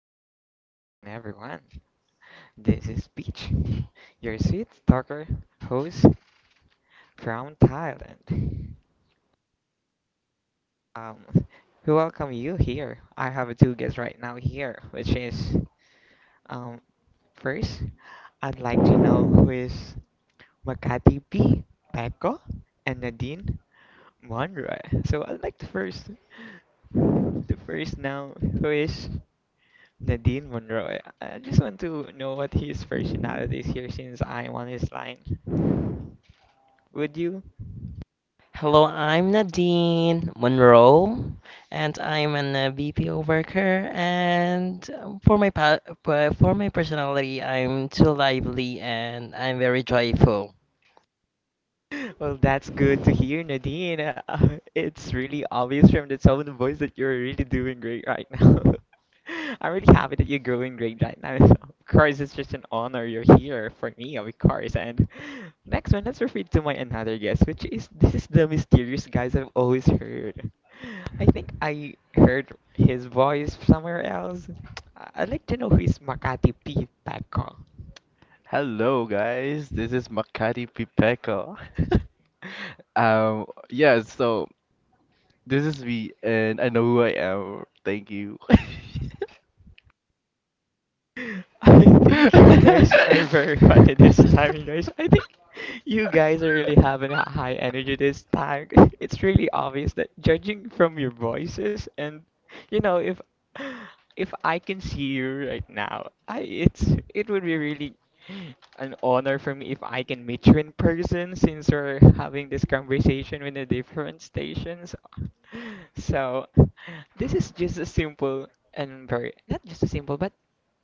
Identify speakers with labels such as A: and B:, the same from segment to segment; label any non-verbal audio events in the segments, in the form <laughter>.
A: everybody and everyone. This is Peach, <laughs> your sweet talker host from Thailand. Um, we welcome you here. I have two guests right now here, which is um first, I'd like to know who is Makati P, Peko, and Nadine Monroy. So I'd like to first, the first now, who is Nadine Monroe. I just want to know what his personality is here since I'm on his line. Would you? <laughs>
B: Hello, I'm Nadine Monroe, and I'm an BPO worker. And for my for my personality, I'm too lively and I'm very joyful.
A: Well, that's good to hear, Nadine. <laughs> It's really obvious from the tone of voice that you're really doing great right now. <laughs> I'm really happy that you're growing great right now. <laughs> Of course, it's just an honor you're here for me, of course. And next one, let's refer to my another guest, which is this is the mysterious guys I've always heard. I think I heard his voice somewhere else. I'd like to know who is Makati Pete Paco.
C: Hello, guys. This is Makati Pipeko. <laughs> Yeah. So this is me, and I know who I am. Thank you.
A: <laughs> I think you
C: <laughs>
A: guys are very funny this time, you guys. I think you guys are really having a high energy this time. <laughs> It's really obvious that judging from your voices and you know if I can see you right now, I it's it would be really an honor for me if I can meet you in person since we're having this conversation with the different stations. <laughs> So this is just a simple and very not just a simple but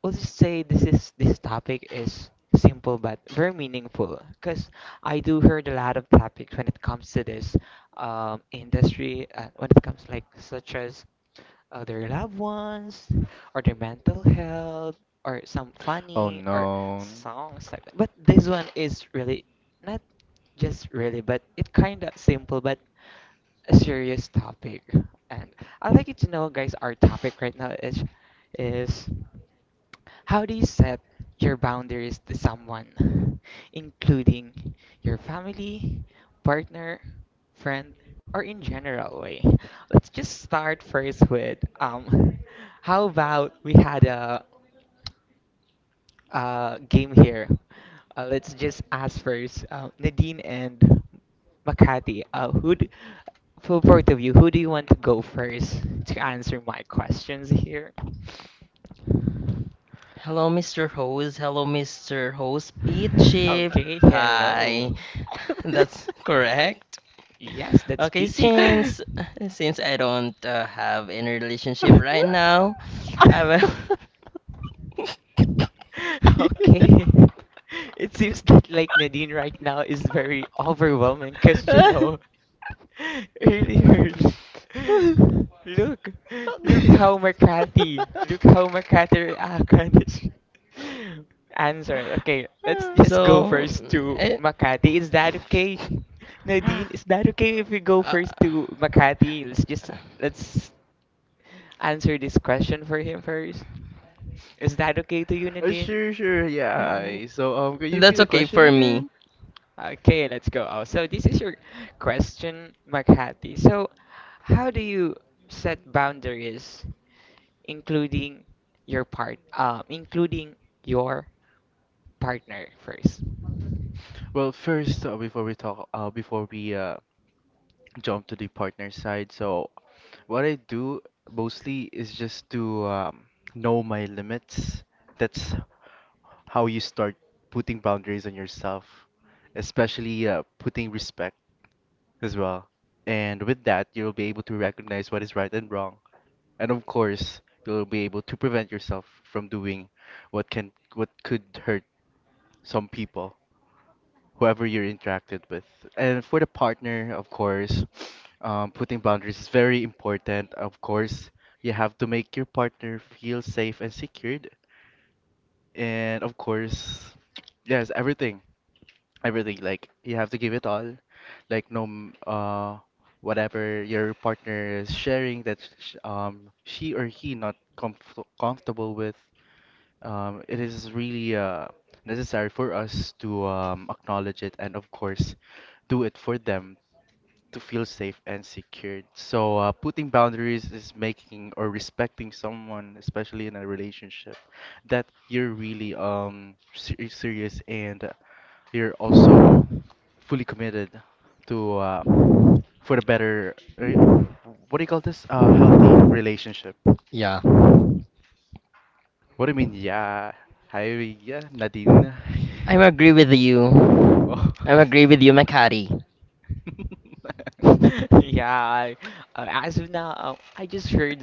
A: we'll just say this topic is simple but very meaningful because I do heard a lot of topics when it comes to this industry when it comes like such as their loved ones or their mental health or some
C: oh
A: funny or
C: no.
A: songs like that. But this one is really not just really, but it kind of simple but a serious topic. And I'd like you to know, guys, our topic right now is is how do you set your boundaries to someone, including your family, partner, friend, or in general way? Let's just start first with <laughs> how about we had a game here? Let's just ask first Nadine and Makati. Who d for both of you, who do you want to go first to answer my questions here?
B: Hello, Mr. Host. Hello, Mr. Host Peachy
A: Okay, hello.
B: Pie. <laughs> That's correct.
A: Yes, that's
B: Okay,
A: peachy.
B: since <laughs> since I don't have any relationship right now, I will. <laughs>
A: <laughs> Okay. <laughs> It
C: <laughs>
A: seems that like Nadine right now is very overwhelming because you
C: Uh,
A: know <laughs> earlier <laughs> look look how Makati look how Makati reacted. <laughs> Answer. Okay, let's just go
B: So,
A: first to
B: eh,
A: Makati. Is that okay? Nadine, is that okay if we go
B: uh,
A: first to Makati? Let's just let's answer this question for him first. Is that okay to you, Nadine?
C: sure, sure, yeah.
B: Mm,
C: I- So, could you repeat
B: that's
C: the
B: okay
C: question
B: for me.
C: again?
A: Okay, let's go. Oh, so this is your question, Makati. So, how do you set boundaries, including your part, including your partner first?
C: Well, first, before we talk, before we jump to the partner side. So what I do mostly is just to know my limits. That's how you start putting boundaries on yourself, especially putting respect as well. And with that, you'll be able to recognize what is right and wrong. And of course, you'll be able to prevent yourself from doing what could hurt some people whoever you're interacted with. And for the partner, of course, putting boundaries is very important. Of course, you have to make your partner feel safe and secured. And of course, yes, everything. Like you have to give it all. Like no, m- whatever your partner is sharing that she or he not comfortable with. It is really necessary for us to acknowledge it and, of course, do it for them to feel safe and secured. So, putting boundaries is making or respecting someone, especially in a relationship, that you're really serious and you're also fully committed to for the better. What do you call this? Healthy relationship.
B: Yeah.
C: What do you mean, yeah? Hi, yeah, Nadine. <laughs>
B: I agree with you.
C: Oh. <laughs>
B: I agree with you, Makati.
A: <laughs> Yeah, as of now, I just heard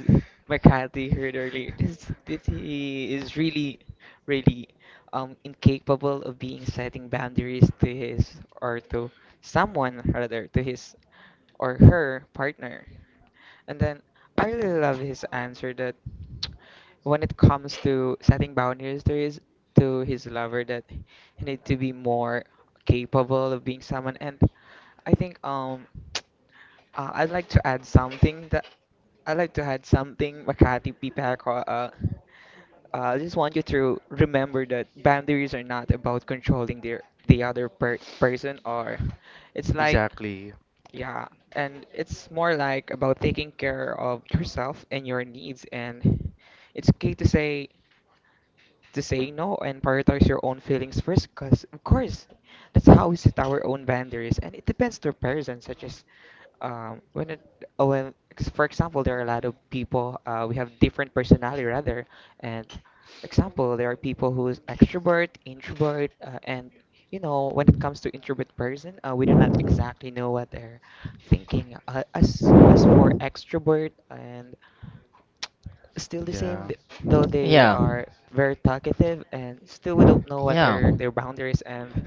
A: Makati heard earlier. This he is really, really incapable of being setting boundaries to his or to someone rather to his or her partner. And then I really love his answer that when it comes to setting boundaries to his lover that he need to be more capable of being someone and I think I'd like to add something that I'd like to add something Makati Pipako I just want you to remember that boundaries are not about controlling their the other per person or it's like
C: Exactly.
A: yeah, and it's more like about taking care of yourself and your needs, and it's okay to say no and prioritize your own feelings first because of course that's how we set our own boundaries and it depends to a person such as when it when 'cause for example there are a lot of people we have different personality rather and example there are people who is extrovert introvert and you know when it comes to introvert person we do not exactly know what they're thinking as for extrovert and still the same,
C: Yeah.
A: though they
B: Yeah.
A: are very talkative, and still we don't know what
B: Yeah.
A: are their boundaries. And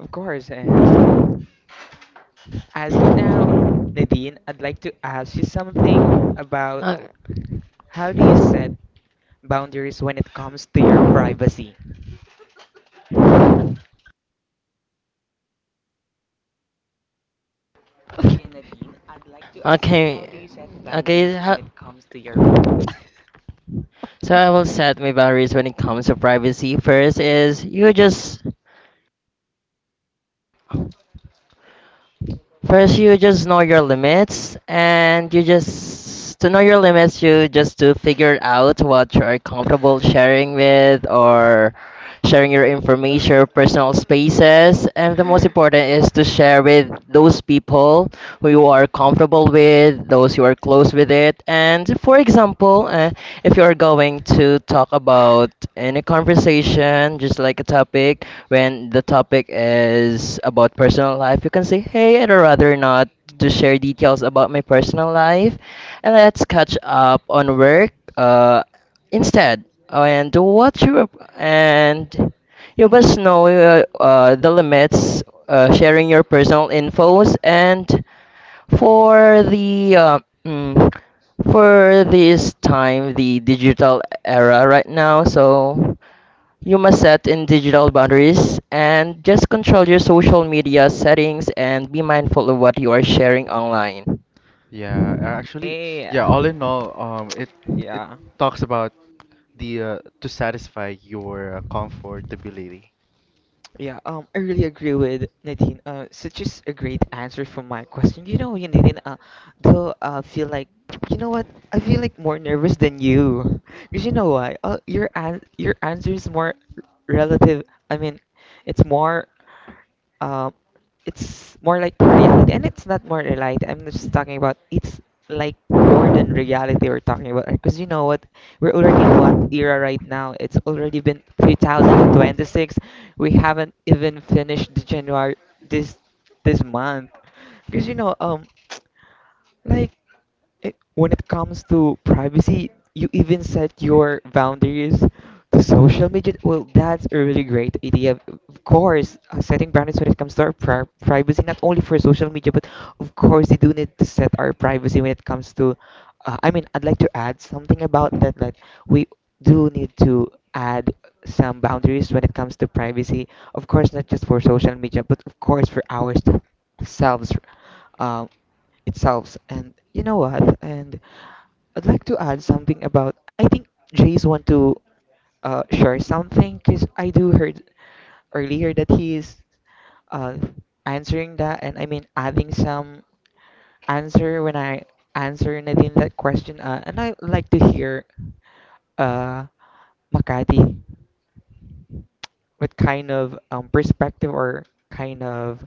A: of course, and as of now, Nadine, I'd like to ask you something about
B: Uh,
A: how do you set boundaries when it comes to your privacy? Again, Nadine, I'd like to ask you how
B: okay.
A: do you set boundaries
B: Okay.
A: when it comes to your privacy?
B: So I will set my boundaries when it comes to privacy. First, you just know your limits, and you just to figure out what you are comfortable sharing with or sharing your information, your personal spaces, and the most important is to share with those people who you are comfortable with, those you are close with it. And for example, if you are going to talk about any conversation, just like a topic, when the topic is about personal life, you can say, "Hey, I'd rather not to share details about my personal life, and let's catch up on work instead." Oh, And what you and You must know the limits, sharing your personal infos. And for for this time, the digital era right now, so you must set in digital boundaries and just control your social media settings and be mindful of what you are sharing online.
C: Actually,
A: Yeah,
C: yeah, all in all, it
A: yeah,
C: talks about the to satisfy your comfortability.
A: yeah. I really agree with Nadine. Such is a great answer for my question. You know, Nadine, though I feel like, you know what? I feel like more nervous than you, because you know why? Your an your answer is more relative. I mean, it's more um, it's more like reality, and it's not more reality. I'm just talking about it's like more than reality we're talking about, because you know what? We're already in what era right now? It's already been 2026. We haven't even finished the January this this month, because you know Like when it comes to privacy, you even set your boundaries to social media. Well, that's a really great idea. Of course, setting boundaries when it comes to our pri privacy, not only for social media, but of course, we do need to set our privacy when it comes to. I mean, I'd like to add something about that. Like, we do need to add some boundaries when it comes to privacy. Of course, not just for social media, but of course for ourselves. uh, itself. And you know what? And I'd like to add something about. I think Jace want to share something because I do heard earlier that he is uh, answering that, and I mean adding some answer when I answer Nadine that question. And I like to hear uh, Makati, what kind of perspective or kind of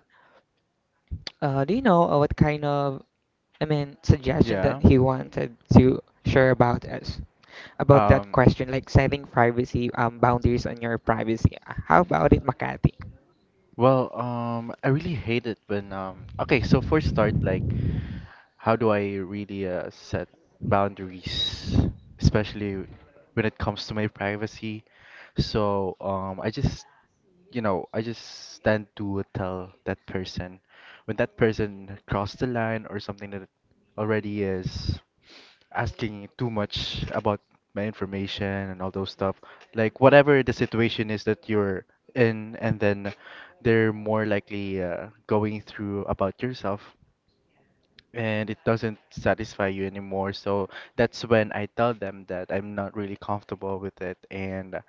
A: do you know what kind of I mean, suggestion that
C: Yeah.
A: he wanted to share about us about that
C: Um,
A: question, like setting privacy boundaries on your privacy. How about it, Makati?
C: I really hate it when okay, so for start, like, how do I really set boundaries, especially when it comes to my privacy? So, I just you know, I just tend to tell that person when that person crossed the line or something that already is asking too much about my information and all those stuff. Like whatever the situation is that you're in, and then they're more likely going through about yourself, and it doesn't satisfy you anymore. So that's when I tell them that I'm not really comfortable with it, and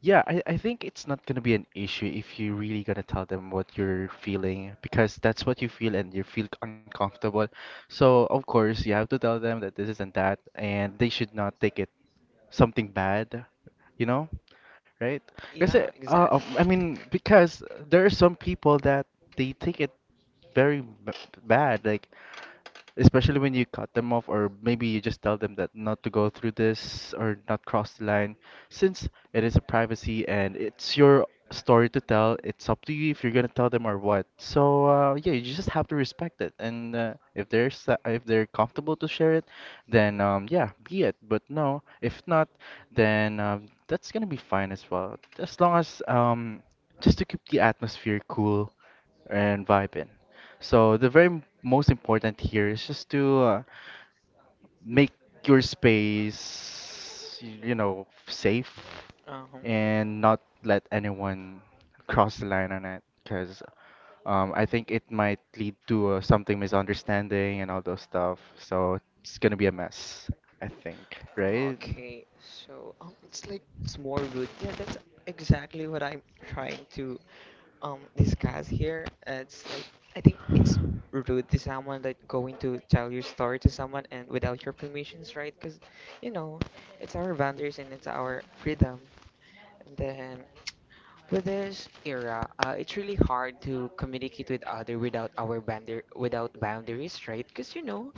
C: yeah, I think it's not gonna be an issue if you really gonna tell them what you're feeling, because that's what you feel and you feel uncomfortable. So of course you have to tell them that this is not that and they should not take it something bad, you know, right? Because
A: Yeah, exactly.
C: because there are some people that they take it very b- bad. Like especially when you cut them off or maybe you just tell them that not to go through this or not cross the line, since it is a privacy and it's your story to tell. It's up to you if you're gonna tell them or what. So yeah, you just have to respect it. And if they're comfortable to share it, then yeah, be it. But no, if not, then that's gonna be fine as well, as long as just to keep the atmosphere cool and vibing. So the very most important here is just to make your space, you know, safe
A: Uh
C: and not let anyone cross the line on it, because I think it might lead to something misunderstanding and all those stuff. So it's gonna be a mess, I think,
A: huh.
C: right?
A: Okay, so it's like it's more rude. Yeah, that's exactly what I'm trying to discuss here. It's like I think it's rude to someone that going to tell your story to someone and without your permissions, right? Because you know it's our boundaries and it's our freedom. And then with this era, it's really hard to communicate with other without our boundar without boundaries, right? Because you know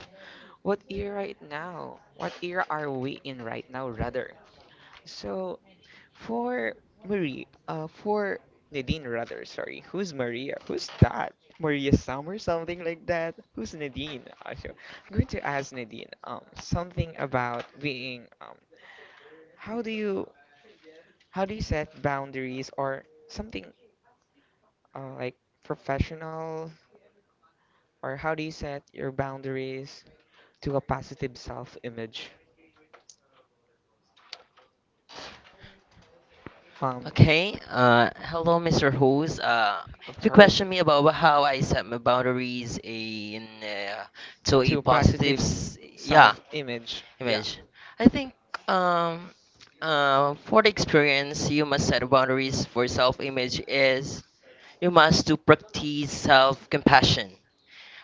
A: what era it now? What era are we in right now, rather? So for Marie, for Nadine, rather, sorry, who's Maria? Who's that? Maria Sam or something like that? Who's Nadine? So I'm going to ask Nadine something about being how do you how do you set boundaries or something like professional or how do you set your boundaries to a positive self-image? Um,
B: Okay. Hello, Mr. Hose.
A: of
B: If you
A: course,
B: question me about how I set my boundaries in to a
A: to a
B: positive,
A: positive
B: yeah,
A: self-image. Yeah.
B: image. I think um, for the experience, you must set boundaries for self-image is you must to practice self-compassion.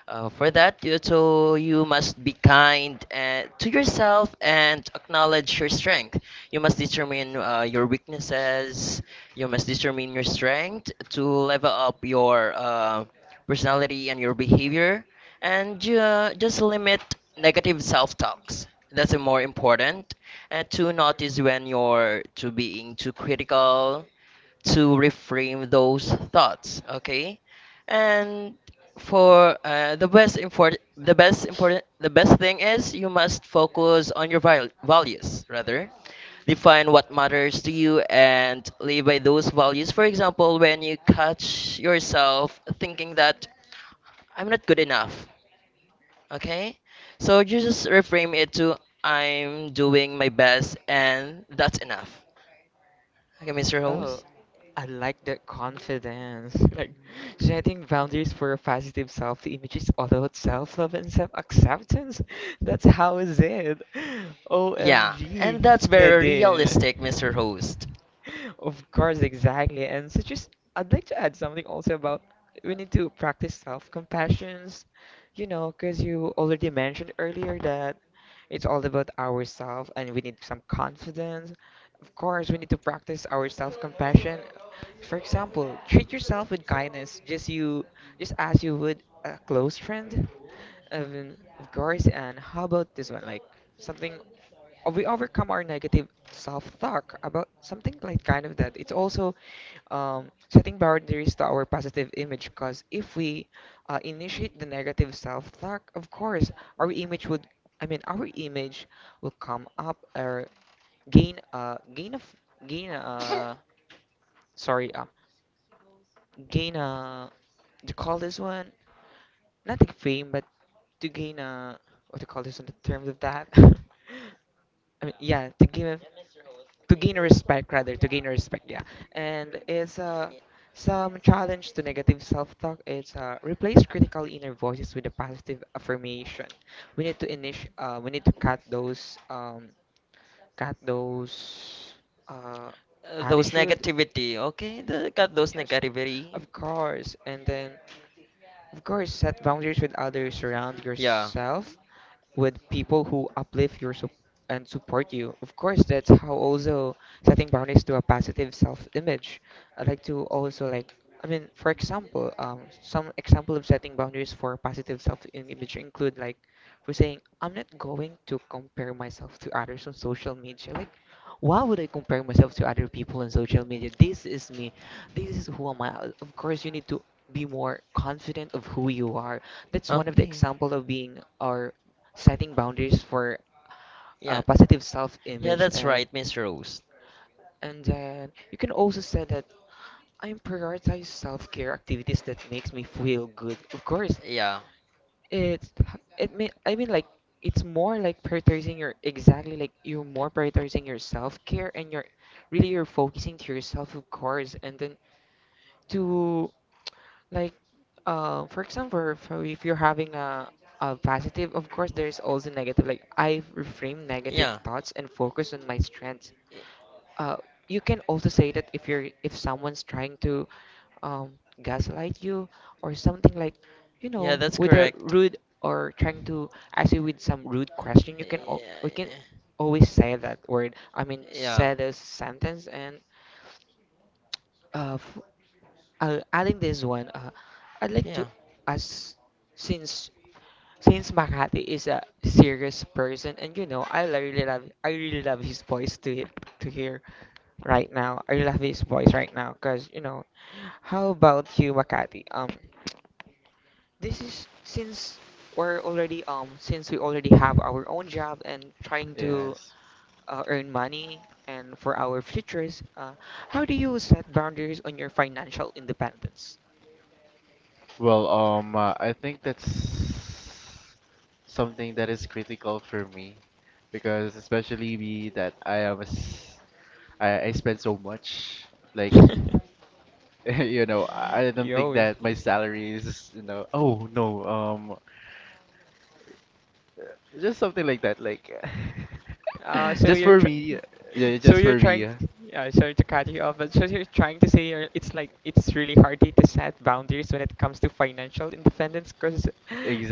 B: For that, so you must be kind and, to yourself and acknowledge your strength. You must determine your weaknesses. You must determine your strength to level up your personality and your behavior, and just limit negative self-talks. That's the more important, and to notice when you're to being too critical, to reframe those thoughts. Okay. And for the best thing is you must focus on your values, rather define what matters to you and live by those values. For example, when you catch yourself thinking that I'm not good enough, okay, so you just reframe it to I'm doing my best and that's enough. Okay, Mr.
A: Oh,
B: Host.
A: I like that confidence. <laughs> Like setting boundaries for a positive self-image is all about self-love and self-acceptance. <laughs> That's how is it. <laughs>
B: Yeah, and
A: OMG,
B: that's very realistic, Mr.
A: Nadine.
B: Host.
A: Of course, exactly. And so just I'd like to add something also about we need to practice self-compassions, you know, because you already mentioned earlier that it's all about ourselves and we need some confidence. Of course, we need to practice our self-compassion. For example, treat yourself with kindness, just you, just as you would a close friend. Of course, and how about this one? Like something we overcome our negative self-talk about something like kind of that. It's also setting boundaries to our positive image because if we initiate the negative self-talk, of course, our image would, I mean, our image will come up or gain gain of gain <laughs> <coughs> sorry, gain a, do call this one? Not like fame, but to gain a, what to call this in the terms of that? <laughs> I mean, yeah, to give to gain respect rather to gain respect yeah and it's some challenge to negative self-talk it's replace critical inner voices with a positive affirmation we need to init we need to cut those uh
B: Those
A: attitude
B: negativity, okay? The, got those
A: yes
B: negativity.
A: of course and then of course, set boundaries with others. Surround
B: Yeah.
A: yourself with people who uplift your and support you. Of course, that's how also setting boundaries to a positive self-image. I like to also like, I mean, for example, some example of setting boundaries for positive self-image include like for saying, I'm not going to compare myself to others on social media. Like, why would I compare myself to other people on social media? This is me. This is who am I. Of course, you need to be more confident of who you are. That's one of the
B: Okay.
A: example of being or setting boundaries for
B: Yeah.
A: positive
B: Yeah,
A: self-image
B: that's
A: and
B: right, Mr. Host.
A: and then you can also say that I prioritize self-care activities that makes me feel good. Of course,
B: Yeah.
A: it's it mean I mean like it's more like prioritizing your, exactly, like you're more prioritizing your self-care, and you're really you're focusing to yourself, of course, and then to, like, for example, for if you're having a positive, of course there's also negative, like I reframe negative
B: Yeah.
A: thoughts and focus on my strengths.
B: Y-
A: uh, you can also say that if you're if someone's trying to um, gaslight you or something, like, you
B: Yeah,
A: know,
B: that's
A: with a
B: correct.
A: rude, or trying to ask you with some rude question, you can we
B: Yeah.
A: can always say that word, I mean,
B: Yeah.
A: say this sentence. And uh, f- adding this one, I'd like to
B: Yeah.
A: ask, since since Makati is a serious person, and you know, I really love his voice to to hear right now. I love his voice right now because, you know, how about you, Makati? This is since we already have our own job and trying to
C: Yes.
A: earn money and for our futures. How do you set boundaries on your financial independence?
C: Well, I think that's something that is critical for me, because especially me that I am a s I spend so much, like
A: <laughs>
C: <laughs> you know I don't
A: You
C: think
A: always.
C: that my salary is, you know, oh no, just something like that, like <laughs>
A: So
C: just
A: you're
C: for
A: tr
C: me,
A: <laughs>
C: yeah,
A: So
C: just
A: you're
C: for
A: trying
C: me,
A: to, yeah, sorry to cut you off, but so you're trying to say you're, it's like it's really hard to set boundaries when it comes to financial independence, cause,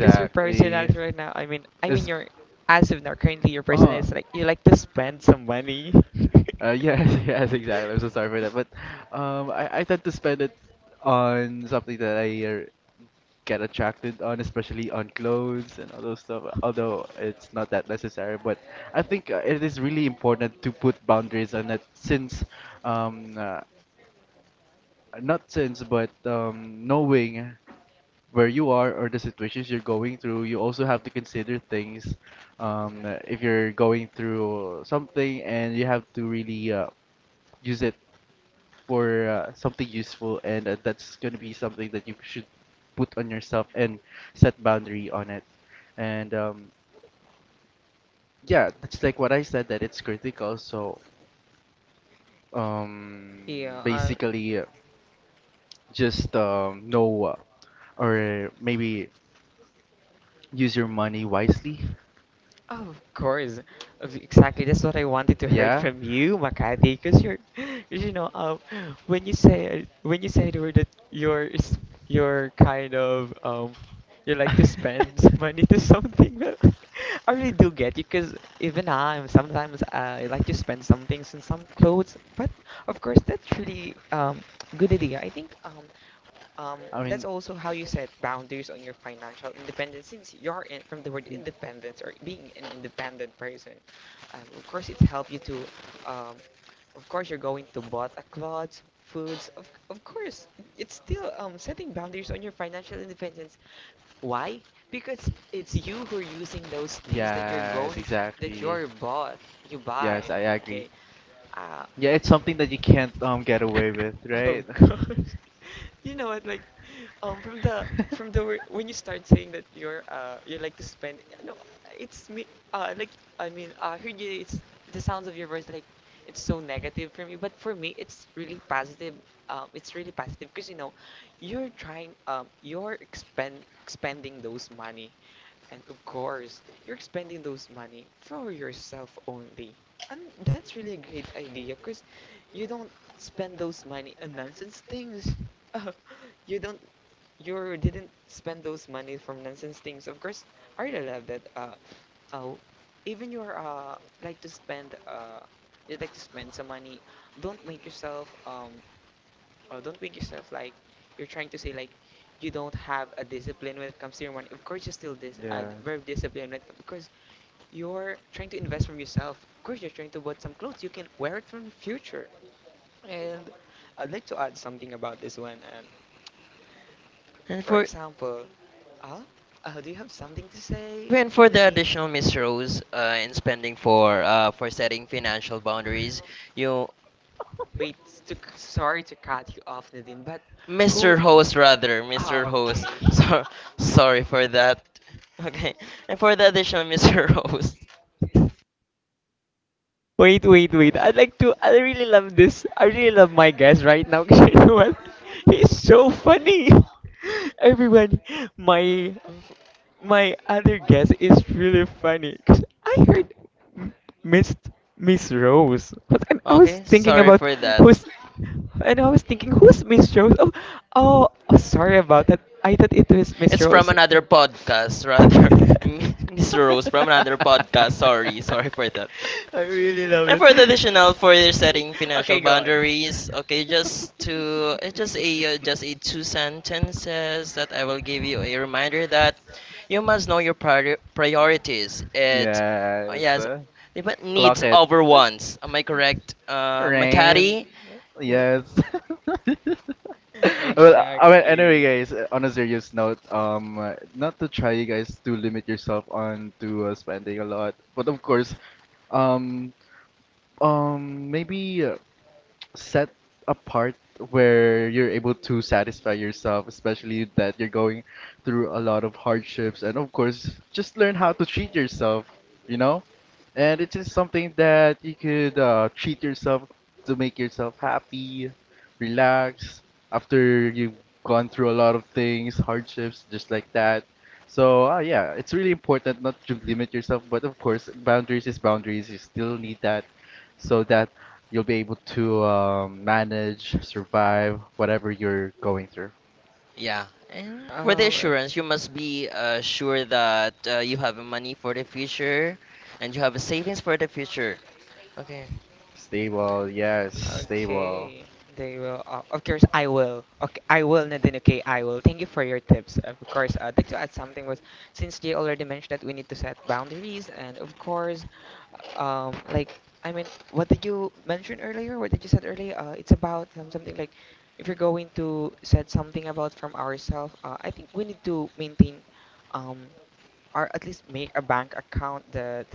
A: cause <laughs> your personality right now, I mean
C: it's
A: your as of now, currently, your
C: uh
A: personality is like you like to spend some money. <laughs>
C: Yes, <laughs> yes, exactly. I'm so sorry for that, but I tend to spend it on something that I get attracted on, especially on clothes and all those stuff. Although it's not that necessary, but I think it is really important to put boundaries on it, since um, uh, not since, but knowing where you are or the situations you're going through, you also have to consider things. If you're going through something and you have to really use it for something useful, and that's gonna be something that you should put on yourself and set boundary on it. And yeah, that's like what I said, that it's critical. So
A: Yeah,
C: basically, just know or maybe use your money wisely.
A: oh, of course. Exactly. That's what I wanted to hear
C: Yeah.
A: from you, Makati, because you're, <laughs> 'cause you know, when you say the word that you're kind of, you
C: <laughs> I
A: like to spend <laughs> money to something. But <laughs> I really do get you, because even I'm sometimes I like to spend some things and some clothes. But of course, that's really good idea. I think. Um, that's
C: mean,
A: also how you set boundaries on your financial independence, since you're in, from the word
C: y-
A: independence, or being an independent person. Of course, it's helped you to, um, of course, you're going to bought a clothes, foods. Of course, it's still setting boundaries on your financial independence. Why? Because it's you who are using those things that you're
C: yes,
A: going that
C: exactly.
A: you buy.
C: Yes, I agree.
A: Okay. Uh,
C: Yeah, it's something that you can't get away with,
A: Of
C: right?
A: course. <laughs> You know what, like, from the
C: <laughs>
A: when you start saying that you like to spend, no, it's me. Like, I mean, I heard you. It's the sounds of your voice, like it's so negative for me. But for me, it's really positive. It's really positive because, you know, you're trying. You're expending those money, and of course, you're expending those money for yourself only. And that's really a great idea because you don't spend those money on nonsense things. <laughs> you don't, you didn't spend those money from nonsense things. Of course, I really love that. Oh, Even you're like to spend, you like to spend some money. Don't make yourself, don't make yourself like you're trying to say like you don't have a discipline when it comes to your money. Of course, you're still this
C: Yeah.
A: very disciplined when it comes, because you're trying to invest from yourself. Of course, you're trying to buy some clothes. You can wear it from the future. And I'd like to add something about this one. And
B: And
A: for
B: for
A: example, uh, do you have something to say,
B: and for the
A: Nadine?
B: additional Miss Rose in spending for setting financial boundaries, you
A: Wait, sorry to cut you off, Nadine, but who?
B: Mr. Host rather, Mr.
A: Oh, okay.
B: Host. <laughs>
A: <laughs>
B: So sorry for that. <laughs> Okay. And for the additional Mr. Host. <laughs>
A: Wait, wait, wait. I'd like to. I really love this. I really love my guest right now. <laughs> 'Cause you know what? He's so funny. <laughs> Everyone, my my other guess is really funny because I heard M- Miss Miss Rose, What- and I was
B: Okay,
A: thinking
B: sorry
A: about
B: for that.
A: who's, and I was thinking who's Miss Rose? Oh, oh, sorry about that. I thought it was Miss
B: It's from
A: Rose. <laughs>
B: another podcast rather. <laughs> Mr. Rose from
C: <laughs>
B: another podcast. Sorry, sorry for that.
A: I really love
B: And
A: that.
B: for the additional for setting financial
A: Okay, go on.
B: boundaries, okay, just to it's just a two sentences that I will give you a reminder that you must know your priorities. It
C: Yes.
B: Yes, they put needs
C: Clock it.
B: over wants. Am I correct,
C: Rain.
B: Makati? You-
C: Yes. <laughs> Well, I mean, anyway,
A: Exactly.
C: guys, on a serious note, not to try you guys to limit yourself on to spending a lot, but of course, um, maybe set a part where you're able to satisfy yourself, especially that you're going through a lot of hardships. And of course, just learn how to treat yourself, you know? And it's just something that you could treat yourself to make yourself happy, relax after you've gone through a lot of things, hardships, just like that. So, yeah, it's really important not to limit yourself, but of course, boundaries is boundaries. You still need that so that you'll be able to manage, survive whatever you're going through.
B: yeah, and for the
A: Um,
B: assurance, you must be sure that you have money for the future, and you have savings for the future. Okay.
C: Stable, yes, stable.
A: Okay, they will. Of course, I will. Okay, I will, Nadine. Okay, I will. Thank you for your tips. Of course, I'd like to add something was, since they already mentioned that we need to set boundaries, and of course, um, like I mean, what did you mention earlier? What did you said earlier? It's about something like, if you're going to set something about from ourselves. I think we need to maintain um or at least make a bank account that,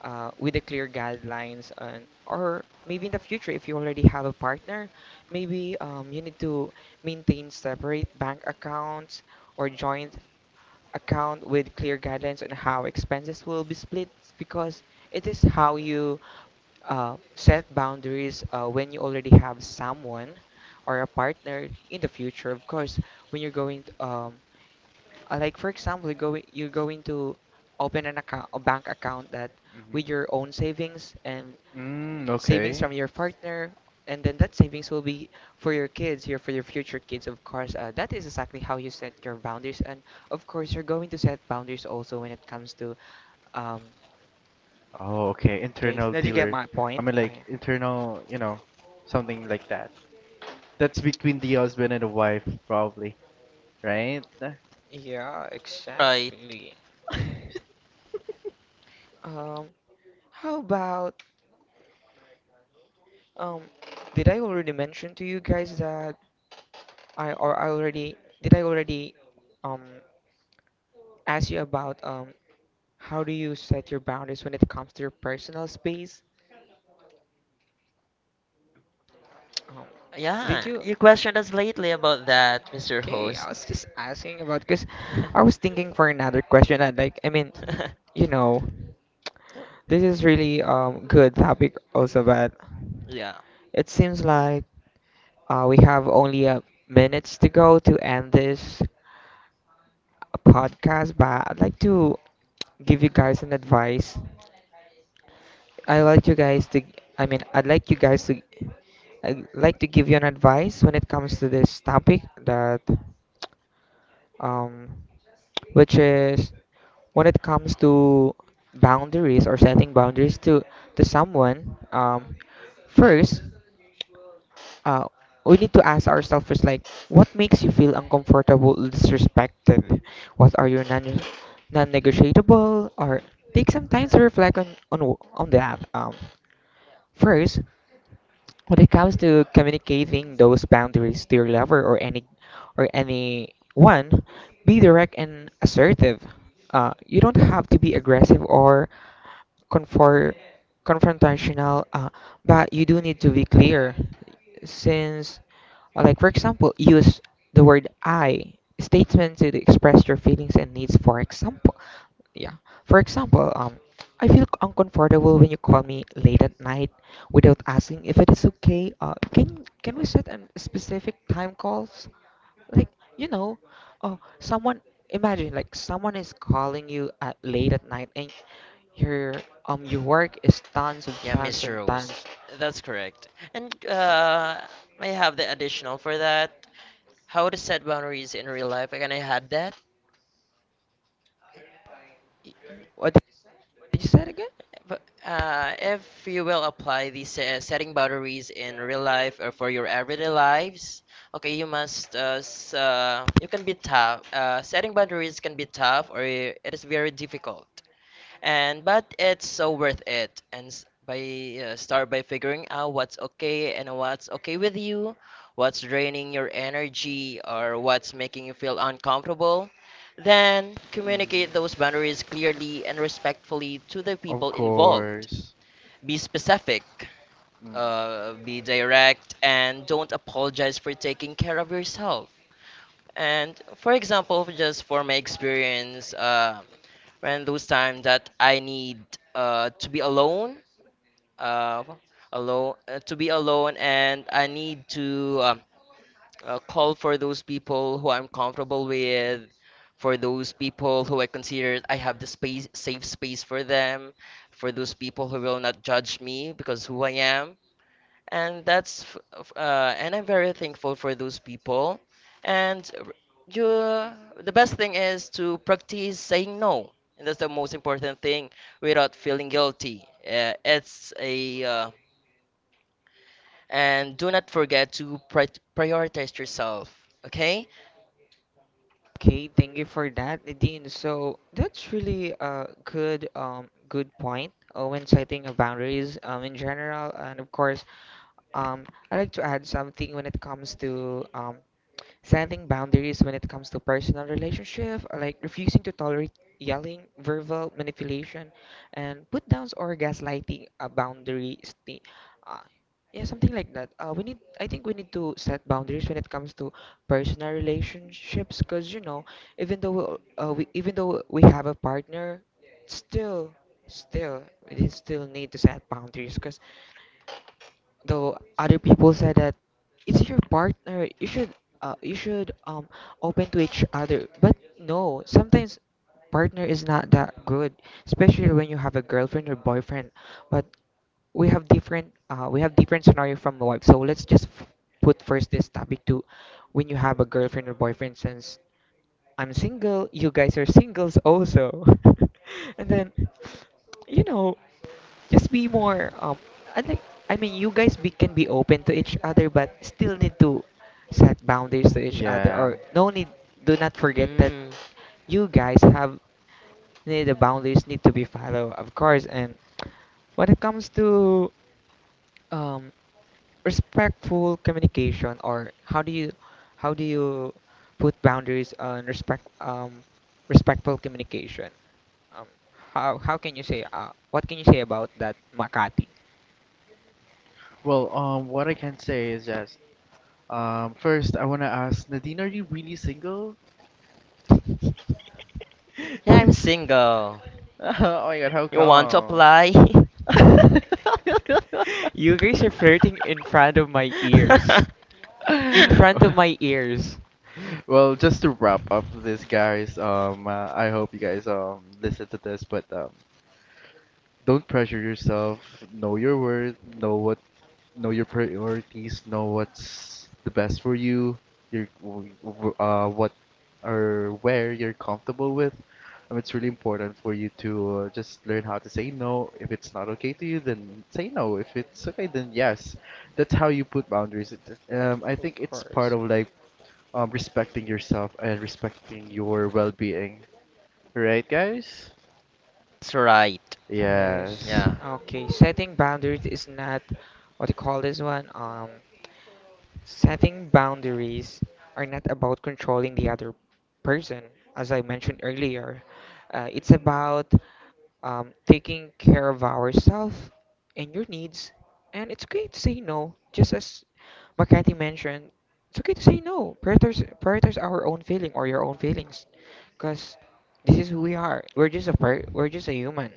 A: with the clear guidelines, and or maybe in the future if you already have a partner, maybe you need to maintain separate bank accounts or joint account with clear guidelines on how expenses will be split, because it is how you set boundaries when you already have someone or a partner in the future, of course. When you're going, like for example, you're going to open an account, a bank account that
C: Hmm.
A: with your own savings and
C: Mm,
A: savings
C: okay.
A: from your partner, and then that savings will be for your kids, your for your future kids, of course. That is exactly how you set your boundaries. And of course, you're going to set boundaries also when it comes to um.
C: Oh, okay.
A: Okay, so
C: Internal
A: did you get
C: dealer.
A: my
C: I
A: point?
C: mean, like internal, you know, something like that. That's between the husband and the wife, probably, right?
A: Yeah,
B: Right.
A: exactly. Um, how about, um, did I already mention to you guys that I or I already did I already um ask you about how do you set your boundaries when it comes to your personal space? Um, did
B: Yeah,
A: you?
B: you questioned us lately about that, Mr.
A: Okay, I
B: Host.
A: was just asking about, because I
B: <laughs>
A: was thinking for another question. And, you know, this is really good topic also, but
B: Yeah,
A: it seems like we have only a minutes to go to end this podcast. But I'd like to give you guys an advice. I like you guys to. I mean, I'd like you guys to. I'd like to give you an advice when it comes to this topic, that, um, which is, when it comes to boundaries or setting boundaries to someone. First, uh, we need to ask ourselves first, like, what makes you feel uncomfortable, disrespected? What are your non-negotiable? Or take some time to reflect on on that. First, when it comes to communicating those boundaries to your lover or any or anyone, be direct and assertive. You don't have to be aggressive or confor- confrontational, but you do need to be clear. Since, like, for example, use the word "I" statement to express your feelings and needs. For example, yeah. For example, I feel uncomfortable when you call me late at night without asking if it is okay. Can we set an specific time calls? Like, you know, oh, someone, imagine like someone is calling you at late at night, and your your work is tons and
B: yeah,
A: tons and
B: Mr. Host.
A: tons.
B: That's correct. And I have the additional for that. How to set boundaries in real life. Can I add that?
A: Y- What did you say again?
B: But if you will apply these setting boundaries in real life or for your everyday lives, okay, you must you can be tough. Setting boundaries can be tough or it is very difficult, and but it's so worth it and s- by start by figuring out what's okay and what's okay with you, what's draining your energy or what's making you feel uncomfortable, then
C: Mm,
B: communicate those boundaries clearly and respectfully to the
C: of
B: people involved.
C: course.
B: Be specific,
C: Mm,
B: be direct, and don't apologize for taking care of yourself. And for example, just for my experience, when those time that I need uh, to be alone, uh, to be alone, and I need to call for those people who I'm comfortable with, for those people who I consider I have safe space for them, for those people who will not judge me because who I am. And that's f- uh, and I'm very thankful for those people. And you, the best thing is to practice saying no, and that's the most important thing without feeling guilty. It's a and Do not forget to prioritize yourself. Okay?
A: Okay, thank you for that, Nadine. So that's really a good good point, when setting of boundaries in general. And of course, um I like to add something when it comes to setting boundaries when it comes to personal relationship, like refusing to tolerate yelling, verbal manipulation, and put downs or gaslighting. Uh, yeah, something like that. I think we need to set boundaries when it comes to personal relationships, because, you know, even though even though we have a partner, still, still, we still need to set boundaries. Because though other people said that it's your partner, you should open to each other. But no, sometimes partner is not that good, especially when you have a girlfriend or boyfriend. But we have different scenario from the wife. So let's put first this topic to when you have a girlfriend or boyfriend. Since I'm single, you guys are singles also, <laughs> and then, you know, just be more I think I mean, you guys can be open to each other, but still need to set boundaries to each other.
C: yeah.
A: Or no need, do not forget that
B: Mm.
A: you guys have need, the boundaries need to be followed, of course. And when it comes to um respectful communication, or how do you how do you put boundaries on respectful communication, um how can you say, what can you say about that, Makati?
C: Well, what I can say is just, first I wanna ask Nadine, are you really single?
A: <laughs>
B: Yeah, I'm single.
C: <laughs> Oh my God, how
B: You want to
C: come?
B: apply?
A: You guys are flirting in front
C: <laughs>
A: of my
B: <laughs>
A: ears,
B: That's
A: in front of my ears.
C: Well, just to wrap up this, guys. I hope you guys listen to this, but don't pressure yourself. Know your worth. Know your priorities, know what's the best for you, your w- w- what or where you're comfortable with. It's really important for you to just learn how to say no. If it's not okay to you, then say no. If it's okay, then yes. That's how you put boundaries. I
A: Of
C: think it's part
A: course.
C: of like respecting yourself and respecting your well-being. Right, guys?
B: right.
A: Yes.
C: Yes.
B: Yeah.
A: Okay. Setting boundaries is not what you call this one. Setting boundaries are not about controlling the other person, as I mentioned earlier. It's about taking care of ourselves and your needs. And it's okay to say no, just as Makati mentioned. It's okay to say no. Prioritize our own feeling or your own feelings, because this is who we are. We're just a we're just a human.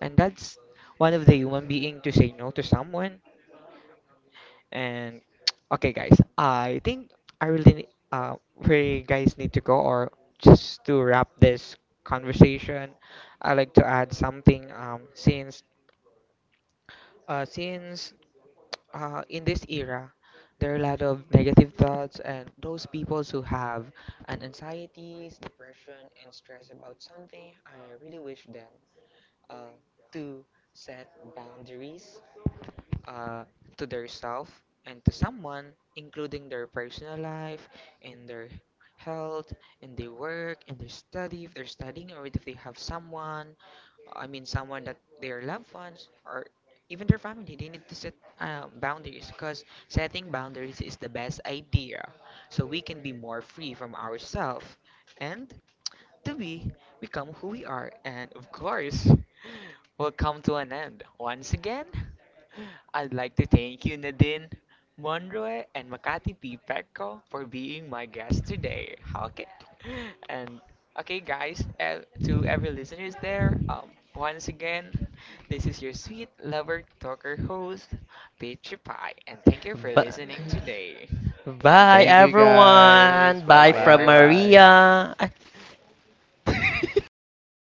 A: And that's one of the human being to say no to someone. And <tsk> okay, guys, I think I really ne- uh we guys need to go, or just to wrap this conversation. I like to add something since uh since <tsk> in this era, there are a lot of negative thoughts, and those people who have an anxieties, depression, and stress about something, I really wish them uh, to set boundaries uh, to their self and to someone, including their personal life and their health and their work and their study, if they're studying, or if they have someone, someone that their loved ones, or even their family, they need to set boundaries, because setting boundaries is the best idea, so we can be more free from ourselves, and to be, become who we are. And of course, <laughs> will come to an end once again. I'd like to thank you, Nadine, Monroe, and Makati P. Petco, for being my guest today. How can and okay, guys, to every listeners there, once again, this is your sweet lover talker host, Peachy Pie, and thank you for
B: But
A: listening today.
B: bye,
C: Thank you, guys.
B: everyone.
C: Bye
B: Bye
A: Bye,
B: from
A: everyone.
C: bye.
B: Maria.